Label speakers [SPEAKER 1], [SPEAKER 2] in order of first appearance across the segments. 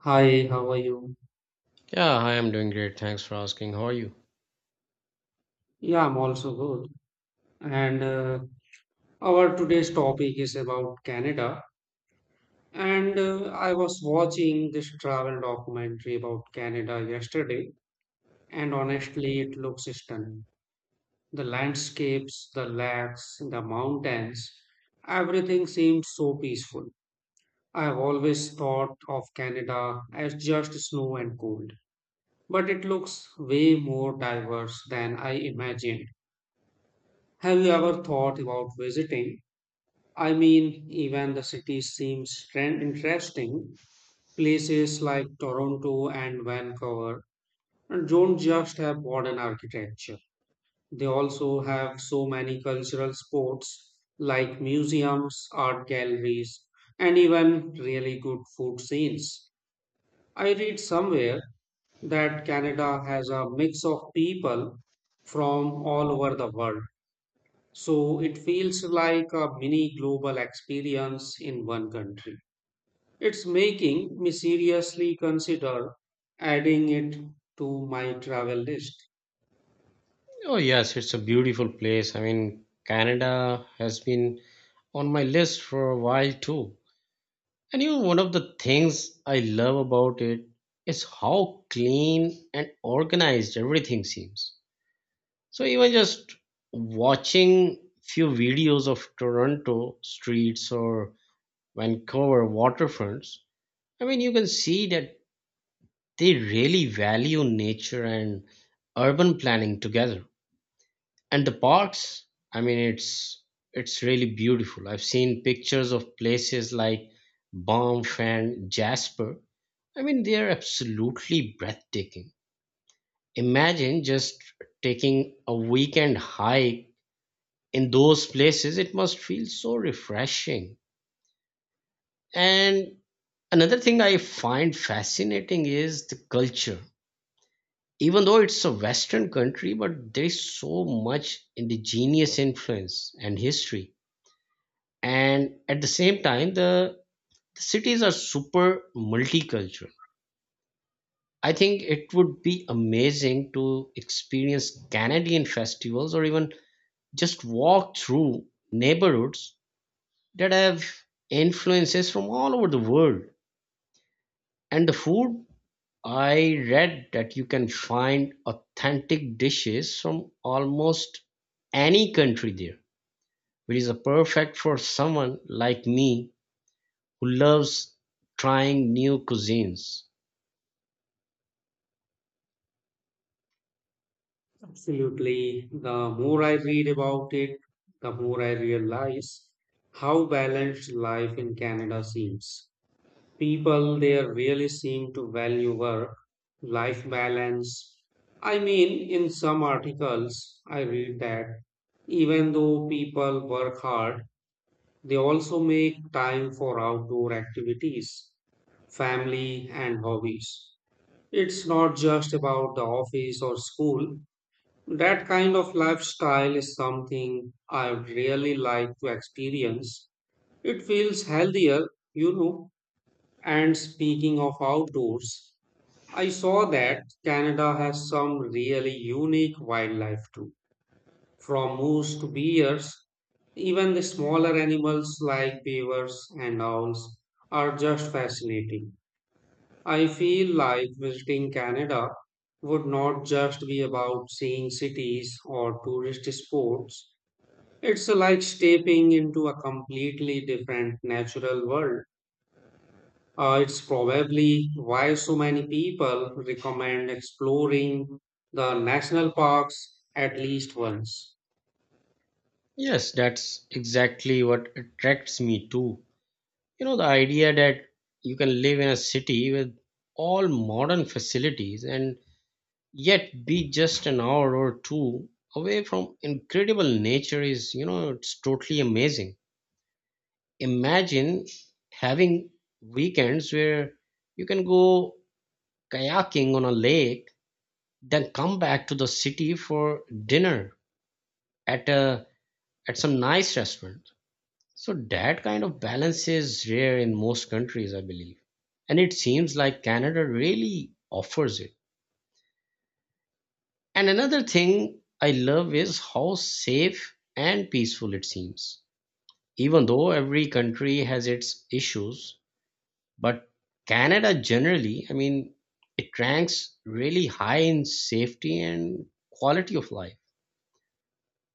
[SPEAKER 1] Hi, how are you?
[SPEAKER 2] Yeah, hi, I'm doing great. Thanks for asking. How are you?
[SPEAKER 1] Yeah, I'm also good. And Our today's topic is about Canada. And I was watching this travel documentary about Canada yesterday, and honestly, it looks stunning. The landscapes, the lakes, the mountains, everything seems so peaceful. I've always thought of Canada as just snow and cold, but it looks way more diverse than I imagined. Have you ever thought about visiting? I mean, even the cities seem interesting. Places like Toronto and Vancouver don't just have modern architecture. They also have so many cultural spots like museums, art galleries, and even really good food scenes. I read somewhere that Canada has a mix of people from all over the world. So it feels like a mini global experience in one country. It's making me seriously consider adding it to my travel list.
[SPEAKER 2] Oh, yes, it's a beautiful place. I mean, Canada has been on my list for a while too. And you know, one of the things I love about it is how clean and organized everything seems. So even just watching few videos of Toronto streets or Vancouver waterfronts, I mean, you can see that they really value nature and urban planning together. And the parks, I mean, it's really beautiful. I've seen pictures of places like Banff and Jasper. I mean, they are absolutely breathtaking. Imagine just taking a weekend hike in those places. It must feel so refreshing. And another thing I find fascinating is the culture. Even though it's a western country, but there is so much indigenous influence and history, and at the same time the cities are super multicultural. I think it would be amazing to experience Canadian festivals or even just walk through neighborhoods that have influences from all over the world. And the food, I read that you can find authentic dishes from almost any country there, which is a perfect for someone like me who loves trying new cuisines.
[SPEAKER 1] Absolutely. The more I read about it, the more I realize how balanced life in Canada seems. People there really seem to value work life balance. I mean, in some articles I read that even though people work hard, they also make time for outdoor activities, family, and hobbies. It's not just about the office or school. That kind of lifestyle is something I would really like to experience. It feels healthier, you know. And speaking of outdoors, I saw that Canada has some really unique wildlife too. From moose to bears, even the smaller animals like beavers and owls are just fascinating. I feel like visiting Canada would not just be about seeing cities or tourist spots. It's like stepping into a completely different natural world. It's probably why so many people recommend exploring the national parks at least once.
[SPEAKER 2] Yes, that's exactly what attracts me too. You know, the idea that you can live in a city with all modern facilities and yet be just an hour or two away from incredible nature is, you know, it's totally amazing. Imagine having weekends where you can go kayaking on a lake, then come back to the city for dinner at a at some nice restaurant. So that kind of balance is rare in most countries, I believe. And it seems like Canada really offers it. And another thing I love is how safe and peaceful it seems. Even though every country has its issues, but Canada generally, I mean, it ranks really high in safety and quality of life.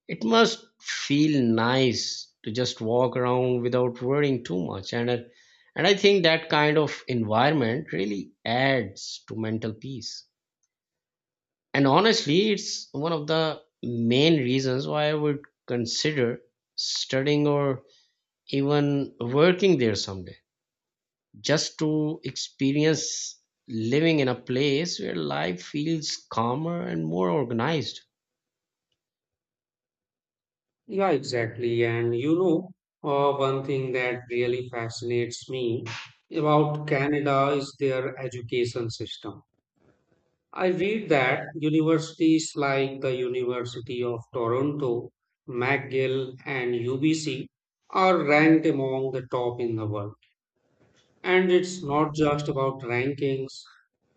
[SPEAKER 2] It must feel nice to just walk around without worrying too much. And I think that kind of environment really adds to mental peace. And honestly, it's one of the main reasons why I would consider studying or even working there someday, just to experience living in a place where life feels calmer and more organized.
[SPEAKER 1] Yeah, exactly. One thing that really fascinates me about Canada is their education system. I read that universities like the University of Toronto, McGill, and UBC are ranked among the top in the world. And it's not just about rankings.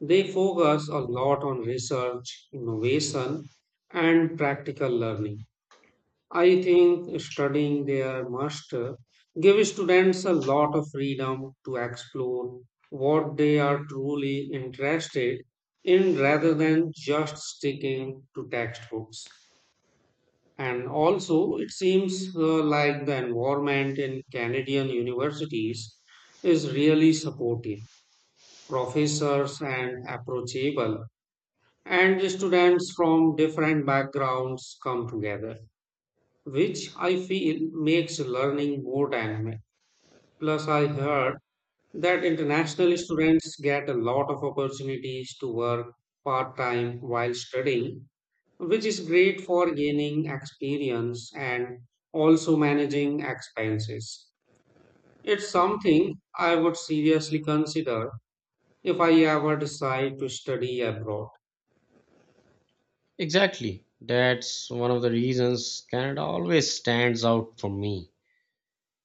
[SPEAKER 1] They focus a lot on research, innovation, and practical learning. I think studying their master gives students a lot of freedom to explore what they are truly interested in rather than just sticking to textbooks. And also, it seems like the environment in Canadian universities is really supportive, professors and approachable, and students from different backgrounds come together, which I feel makes learning more dynamic. Plus, I heard that international students get a lot of opportunities to work part time while studying, which is great for gaining experience and also managing expenses. It's something I would seriously consider if I ever decide to study abroad.
[SPEAKER 2] Exactly. That's one of the reasons Canada always stands out for me.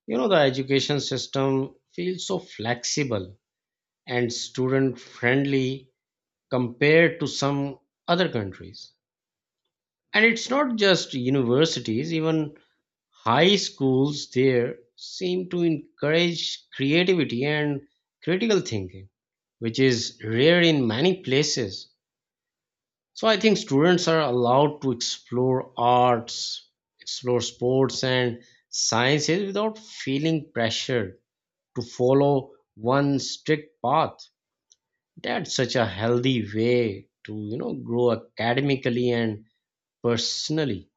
[SPEAKER 2] You know, the education system feels so flexible and student friendly compared to some other countries. And it's not just universities, even high schools there seem to encourage creativity and critical thinking, which is rare in many places. So I think students are allowed to explore arts, explore sports and sciences without feeling pressure to follow one strict path. That's such a healthy way to, you know, grow academically and personally.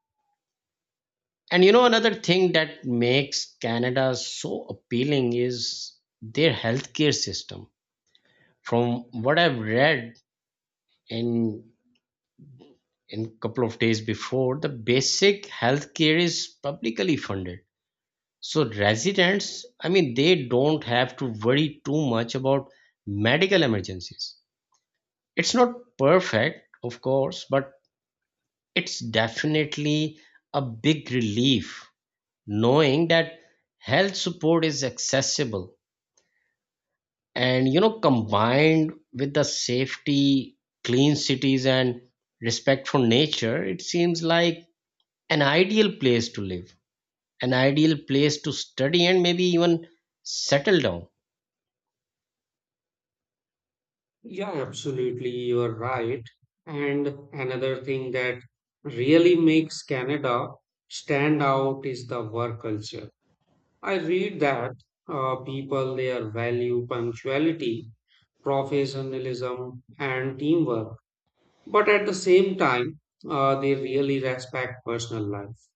[SPEAKER 2] And you know, another thing that makes Canada so appealing is their healthcare system. From what I've read in in couple of days before, the basic health care is publicly funded, so residents, I mean, they don't have to worry too much about medical emergencies. It's not perfect, of course, but it's definitely a big relief knowing that health support is accessible. And you know, combined with the safety, clean cities, and respect for nature, it seems like an ideal place to live, an ideal place to study, and maybe even settle down.
[SPEAKER 1] Yeah, absolutely. You're right. And another thing that really makes Canada stand out is the work culture. I read that people there value punctuality, professionalism, and teamwork. But at the same time, they really respect personal life.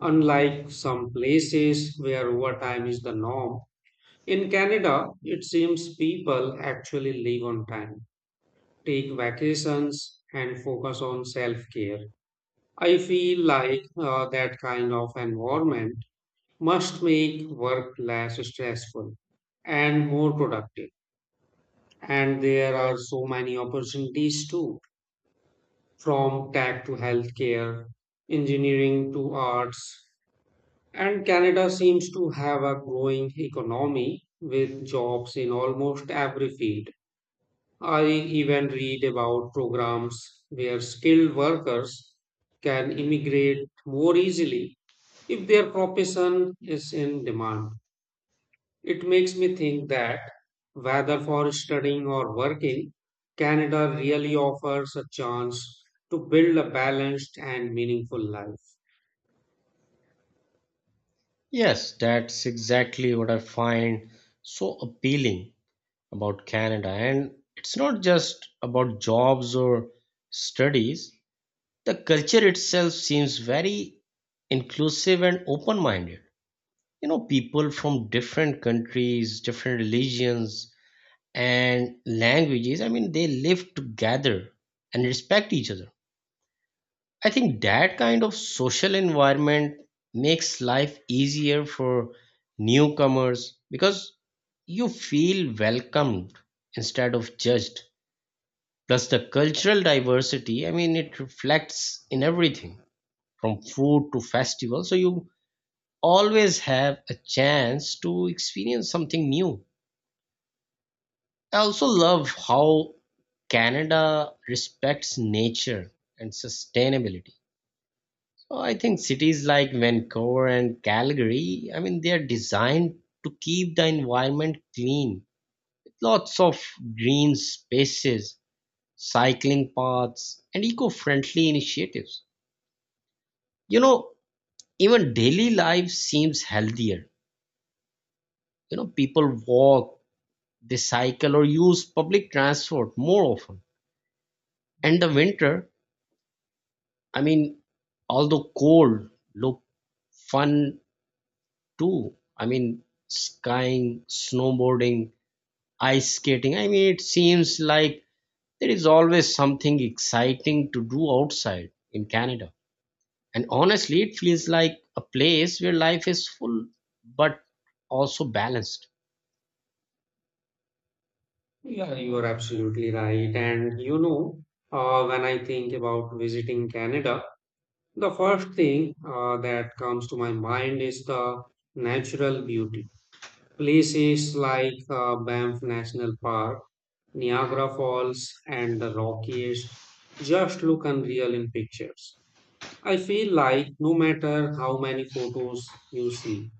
[SPEAKER 1] Unlike some places where overtime is the norm, in Canada, it seems people actually live on time, take vacations, and focus on self care. I feel like that kind of environment must make work less stressful and more productive. And there are so many opportunities too, from tech to healthcare, engineering to arts. And Canada seems to have a growing economy with jobs in almost every field. I even read about programs where skilled workers can immigrate more easily if their profession is in demand. It makes me think that whether for studying or working, Canada really offers a chance to build a balanced and meaningful life.
[SPEAKER 2] Yes, that's exactly what I find so appealing about Canada. And it's not just about jobs or studies, the culture itself seems very inclusive and open minded. You know, people from different countries, different religions, and languages, I mean, they live together and respect each other. I think that kind of social environment makes life easier for newcomers because you feel welcomed instead of judged. Plus, the cultural diversity, I mean, it reflects in everything from food to festival. So, you always have a chance to experience something new. I also love how Canada respects nature and sustainability. Oh, I think cities like Vancouver and Calgary, I mean, they are designed to keep the environment clean with lots of green spaces, cycling paths, and eco friendly initiatives. You know, even daily life seems healthier. You know, people walk, they cycle, or use public transport more often. And the winter, I mean, although cold, look fun too. I mean, skiing, snowboarding, ice skating. I mean, it seems like there is always something exciting to do outside in Canada. And honestly, it feels like a place where life is full but also balanced.
[SPEAKER 1] Yeah, you are absolutely right. When I think about visiting Canada, the first thing that comes to my mind is the natural beauty. Places like Banff National Park, Niagara Falls, and the Rockies just look unreal in pictures. I feel like no matter how many photos you see,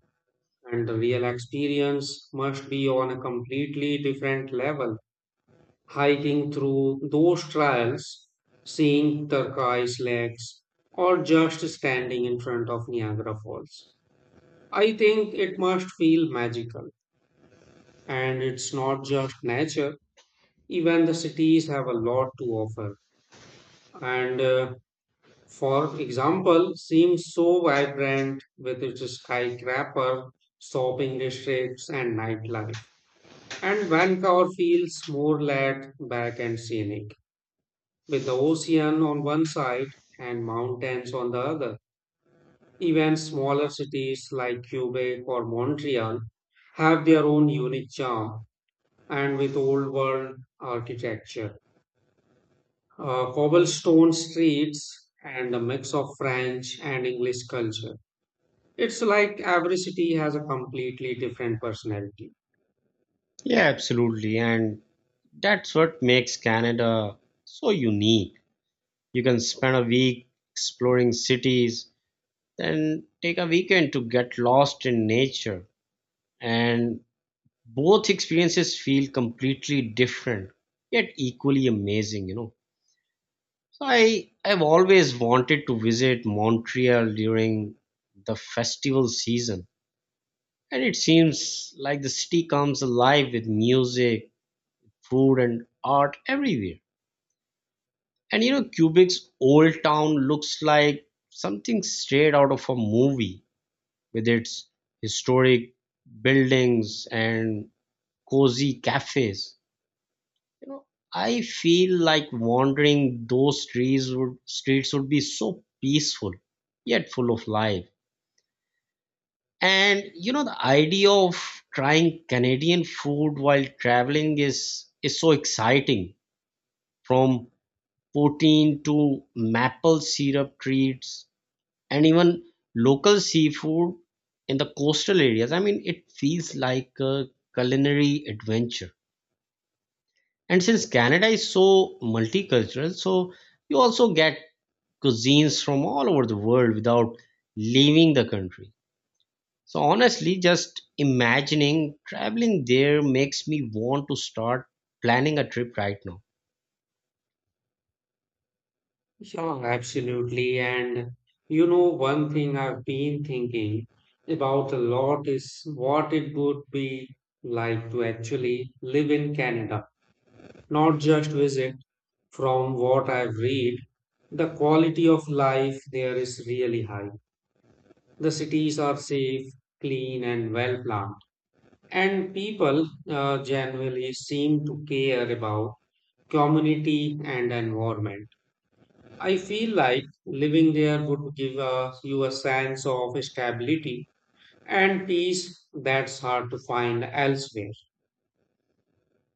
[SPEAKER 1] and the real experience must be on a completely different level, hiking through those trails, seeing turquoise lakes, or just standing in front of Niagara Falls. I think it must feel magical. And it's not just nature, even the cities have a lot to offer. And For example, seems so vibrant with its skyscraper, shopping districts, and nightlife. And Vancouver feels more laid back and scenic, with the ocean on one side and mountains on the other. Even smaller cities like Quebec or Montreal have their own unique charm, and with old world architecture, cobblestone streets, and a mix of French and English culture. It's like every city has a completely different personality.
[SPEAKER 2] Yeah, absolutely. And that's what makes Canada so unique. You can spend a week exploring cities, then take a weekend to get lost in nature. And both experiences feel completely different, yet equally amazing, you know. I've always wanted to visit Montreal during the festival season, and it seems like the city comes alive with music, food, and art everywhere. And you know, Quebec's old town looks like something straight out of a movie with its historic buildings and cozy cafes. You know, I feel like wandering those streets would be so peaceful yet full of life. And you know, the idea of trying Canadian food while traveling is so exciting. From poutine to maple syrup treats and even local seafood in the coastal areas, I mean, it feels like a culinary adventure. And since Canada is so multicultural, so you also get cuisines from all over the world without leaving the country. So honestly, just imagining traveling there makes me want to start planning a trip right now.
[SPEAKER 1] Yeah, absolutely. And you know, one thing I've been thinking about a lot is what it would be like to actually live in Canada, not just visit. From what I've read, the quality of life there is really high. The cities are safe, clean, and well planned. And people generally seem to care about community and environment. I feel like living there would give you a sense of stability and peace that's hard to find elsewhere.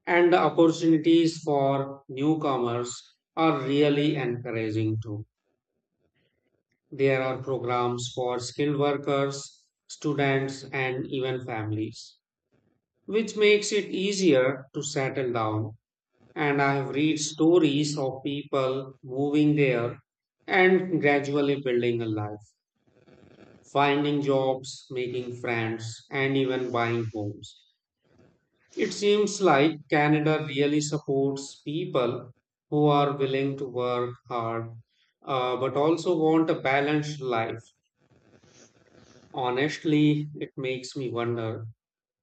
[SPEAKER 1] And the opportunities for newcomers are really encouraging too. There are programs for skilled workers, students, and even families, which makes it easier to settle down. And I have read stories of people moving there and gradually building a life, finding jobs, making friends, and even buying homes. It seems like Canada really supports people who are willing to work hard, but also want a balanced life. Honestly, it makes me wonder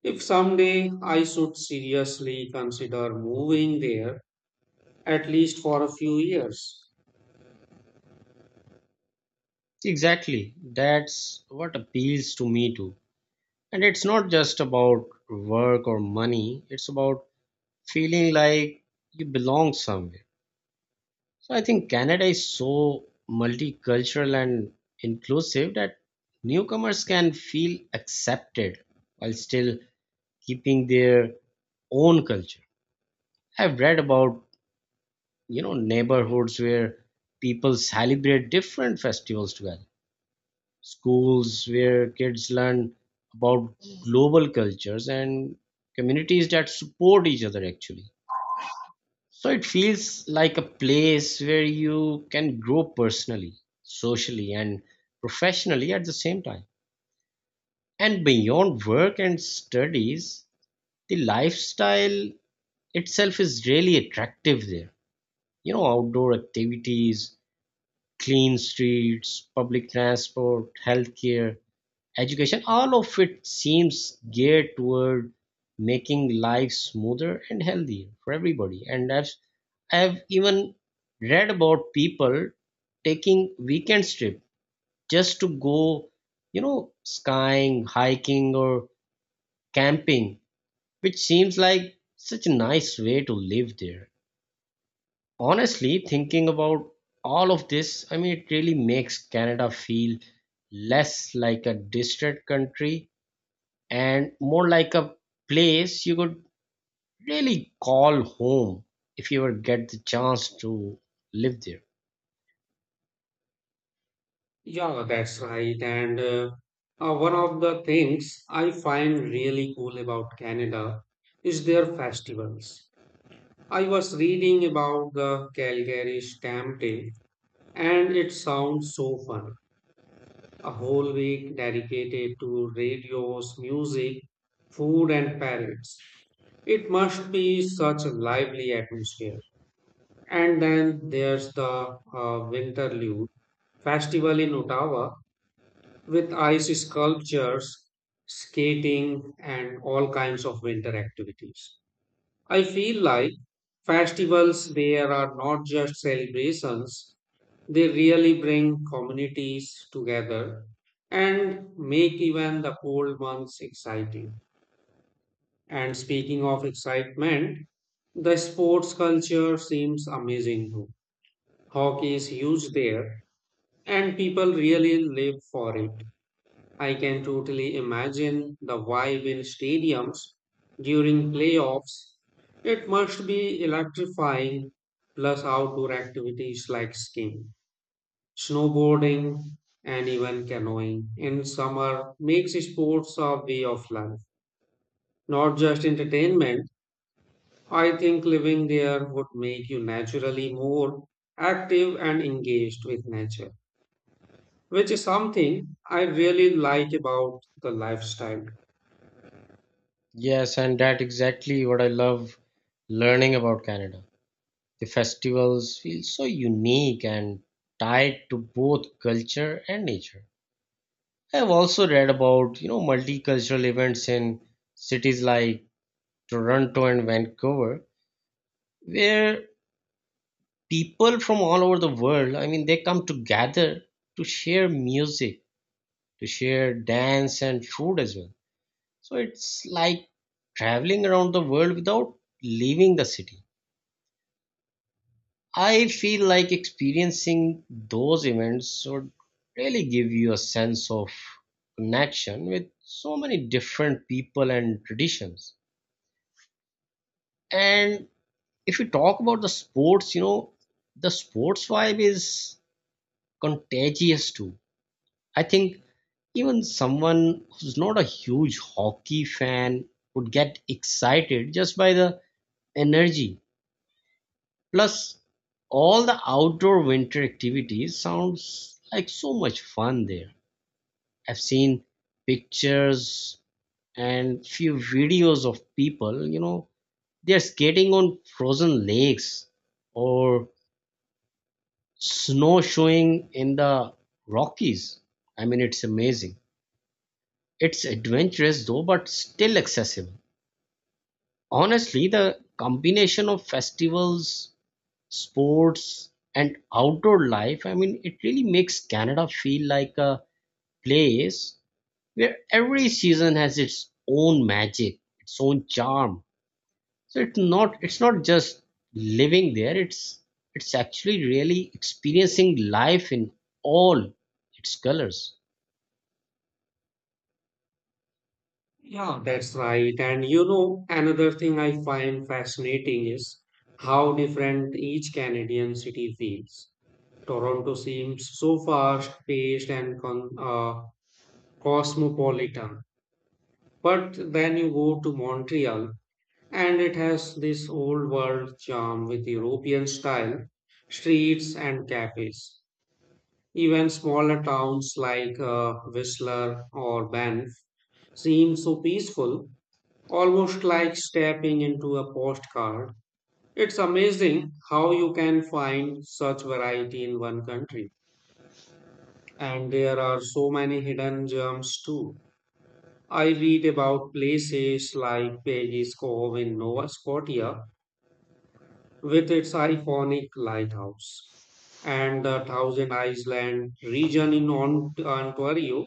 [SPEAKER 1] if someday I should seriously consider moving there, at least for a few years.
[SPEAKER 2] Exactly. That's what appeals to me too. And it's not just about work or money, it's about feeling like you belong somewhere. So I think Canada is so multicultural and inclusive that newcomers can feel accepted while still keeping their own culture. I've read about, you know, neighborhoods where people celebrate different festivals together, schools where kids learn about global cultures, and communities that support each other actually. So it feels like a place where you can grow personally, socially, and professionally at the same time. And beyond work and studies, the lifestyle itself is really attractive there. You know, outdoor activities, clean streets, public transport, healthcare, education, all of it seems geared toward making life smoother and healthier for everybody. And I've even read about people taking weekend trip just to go, you know, skying, hiking, or camping, which seems like such a nice way to live there. Honestly, thinking about all of this, I mean, it really makes Canada feel less like a distant country and more like a place you could really call home if you ever get the chance to live there.
[SPEAKER 1] Yeah, that's right. And One of the things I find really cool about Canada is their festivals. I was reading about the Calgary Stamp Day, and it sounds so fun. A whole week dedicated to radios, music, food, and parades. It must be such a lively atmosphere. And then there's the Winterlude Festival in Ottawa, with ice sculptures, skating, and all kinds of winter activities. I feel like festivals there are not just celebrations, they really bring communities together and make even the cold months exciting. And speaking of excitement, the sports culture seems amazing too. Hockey is huge there, and people really live for it. I can totally imagine the vibe in stadiums during playoffs. It must be electrifying, plus outdoor activities like skiing, snowboarding, and even canoeing in summer makes sports a way of life, not just entertainment. I think living there would make you naturally more active and engaged with nature, which is something I really like about the lifestyle.
[SPEAKER 2] Yes, and that exactly what I love learning about Canada. The festivals feel so unique and tied to both culture and nature. I've also read about, you know, multicultural events in cities like Toronto and Vancouver, where people from all over the world, I mean, they come together to share music, to share dance and food as well. So it's like traveling around the world without leaving the city. I feel like experiencing those events would really give you a sense of connection with so many different people and traditions. And if you talk about the sports, you know, the sports vibe is contagious too. I think even someone who's not a huge hockey fan would get excited just by the energy. Plus, all the outdoor winter activities sounds like so much fun there. I've seen pictures and few videos of people, you know, they're skating on frozen lakes or snowshoeing in the Rockies. I mean, it's amazing. It's adventurous though, but still accessible. Honestly, the combination of festivals, sports, and outdoor life, I mean, it really makes Canada feel like a place where every season has its own magic, its own charm. So it's not just living there, it's actually really experiencing life in all its colors.
[SPEAKER 1] Yeah, that's right. And you know, another thing I find fascinating is how different each Canadian city feels. Toronto seems so fast-paced and con cosmopolitan, but then you go to Montreal, and it has this old world charm with European style streets and cafes. Even smaller towns like Whistler or Banff seem so peaceful, almost like stepping into a postcard. It's amazing how you can find such variety in one country. And there are so many hidden gems too. I read about places like Peggy's Cove in Nova Scotia with its iconic lighthouse, and the Thousand Island region in Ontario.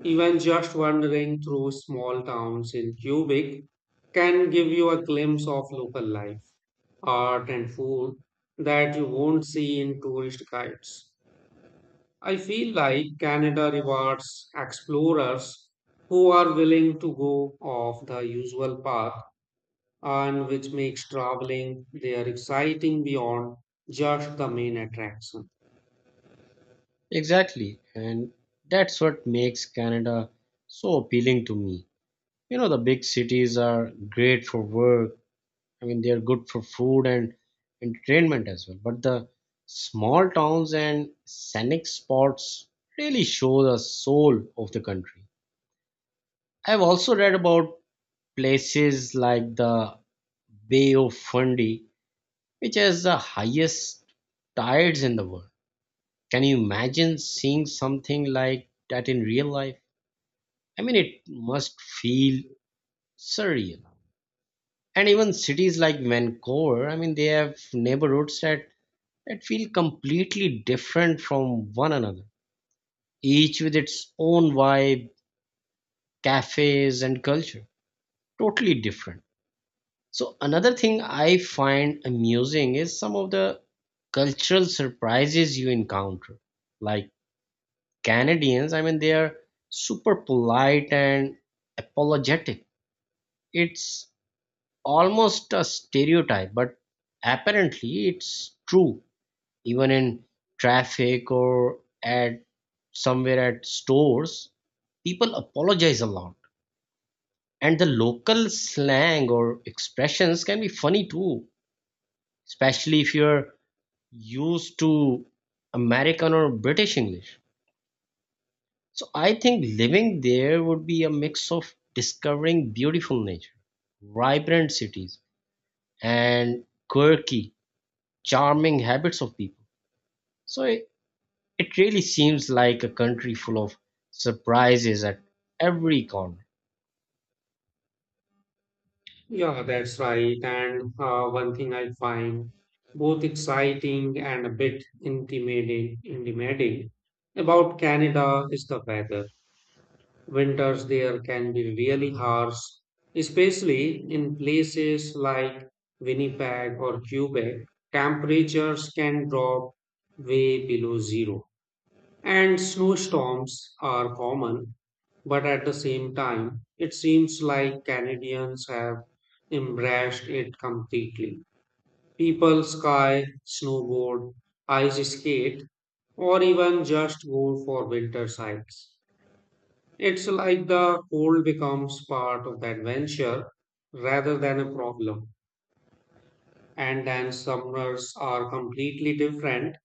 [SPEAKER 1] Even just wandering through small towns in Quebec can give you a glimpse of local life, art, and food that you won't see in tourist guides. I feel like Canada rewards explorers who are willing to go off the usual path, and which makes traveling there exciting beyond just the main attraction.
[SPEAKER 2] Exactly. And that's what makes Canada so appealing to me. You know, the big cities are great for work. I mean, they're good for food and entertainment as well. But the small towns and scenic spots really show the soul of the country. I've also read about places like the Bay of Fundy, which has the highest tides in the world. Can you imagine seeing something like that in real life? I mean, it must feel surreal. And even cities like Vancouver, I mean, they have neighborhoods that feel completely different from one another, each with its own vibe, cafes, and culture. Totally different. So another thing I find amusing is some of the cultural surprises you encounter. Like Canadians, I mean, they are super polite and apologetic. It's almost a stereotype, but apparently it's true, even in traffic or at somewhere at stores, people apologize a lot. And the local slang or expressions can be funny too, especially if you're used to American or British English. So I think living there would be a mix of discovering beautiful nature, vibrant cities, and quirky, charming habits of people. So it really seems like a country full of surprises at every corner.
[SPEAKER 1] Yeah, that's right. And One thing I find both exciting and a bit intimidating about Canada is the weather. Winters there can be really harsh, especially in places like Winnipeg or Quebec. Temperatures can drop way below zero, and snowstorms are common. But at the same time, it seems like Canadians have embraced it completely. People ski, snowboard, ice skate, or even just go for winter hikes. It's like the cold becomes part of the adventure rather than a problem. And then summers are completely different.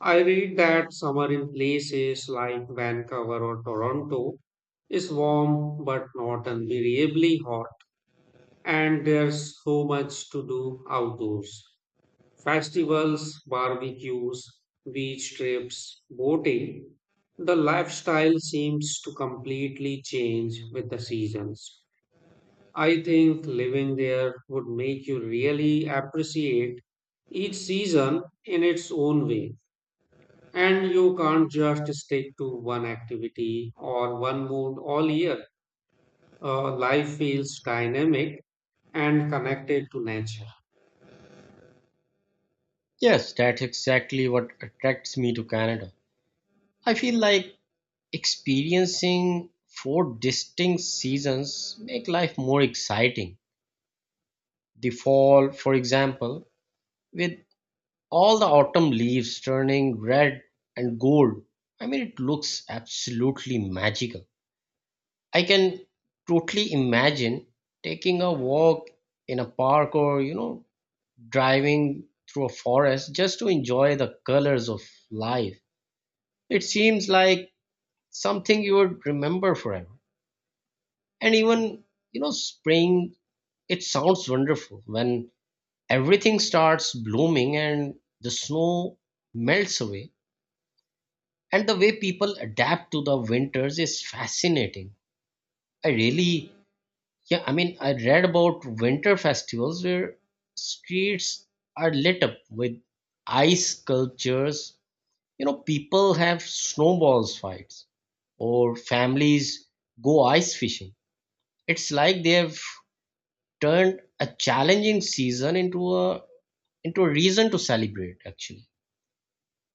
[SPEAKER 1] I read that summer in places like Vancouver or Toronto is warm but not unbearably hot. And there's so much to do outdoors. Festivals, barbecues, beach trips, boating. The lifestyle seems to completely change with the seasons. I think living there would make you really appreciate each season in its own way. And you can't just stick to one activity or one mood all year. Life feels dynamic and connected to nature.
[SPEAKER 2] Yes, that's exactly what attracts me to Canada. I feel like experiencing four distinct seasons make life more exciting. The fall, for example, with all the autumn leaves turning red and gold, I mean, it looks absolutely magical. I can totally imagine taking a walk in a park or, you know, driving through a forest just to enjoy the colors of life. It seems like something you would remember forever. And even, you know, spring, it sounds wonderful when everything starts blooming and the snow melts away. And the way people adapt to the winters is fascinating. I really, yeah, I mean, I read about winter festivals where streets are lit up with ice sculptures. You know, people have snowballs fights or families go ice fishing. It's like they have turned a challenging season into a reason to celebrate actually.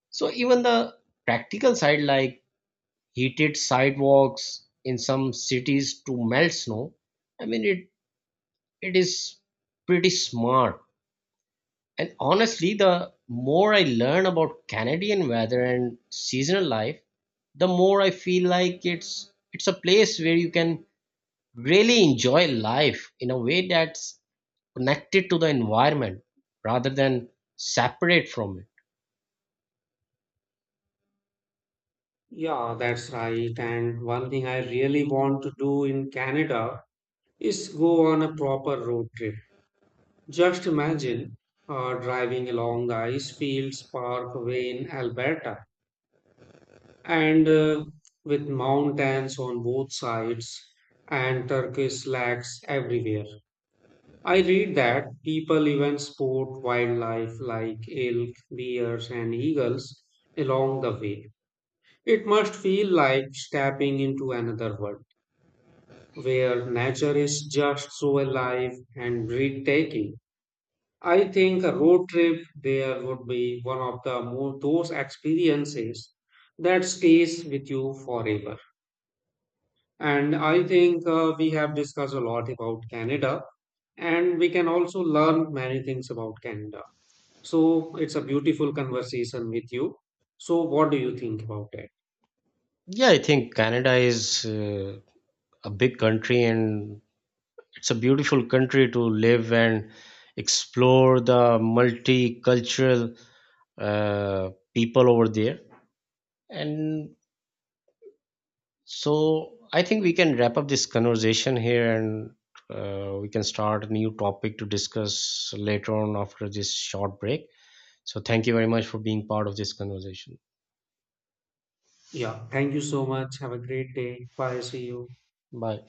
[SPEAKER 2] So even the practical side, like heated sidewalks in some cities to melt snow, I mean, it is pretty smart. And honestly, the more I learn about Canadian weather and seasonal life, the more I feel like it's a place where you can really enjoy life in a way that's connected to the environment rather than separate from it.
[SPEAKER 1] Yeah, that's right. And one thing I really want to do in Canada is go on a proper road trip. Just imagine driving along the ice fields parkway in Alberta and with mountains on both sides and Turkish lakes everywhere. I read that people even sport wildlife like elk, bears, and eagles along the way. It must feel like stepping into another world where nature is just so alive and breathtaking. I think a road trip there would be one of the more those experiences that stays with you forever. And I think we have discussed a lot about Canada, and we can also learn many things about Canada. So it's a beautiful conversation with you. So, what do you think about it?
[SPEAKER 2] Yeah, I think Canada is a big country, and it's a beautiful country to live and explore the multicultural uh, people over there. And so I think we can wrap up this conversation here, and we can start a new topic to discuss later on after this short break. So thank you very much for being part of this conversation.
[SPEAKER 1] Yeah, thank you so much. Have a great day. Bye. See you.
[SPEAKER 2] Bye.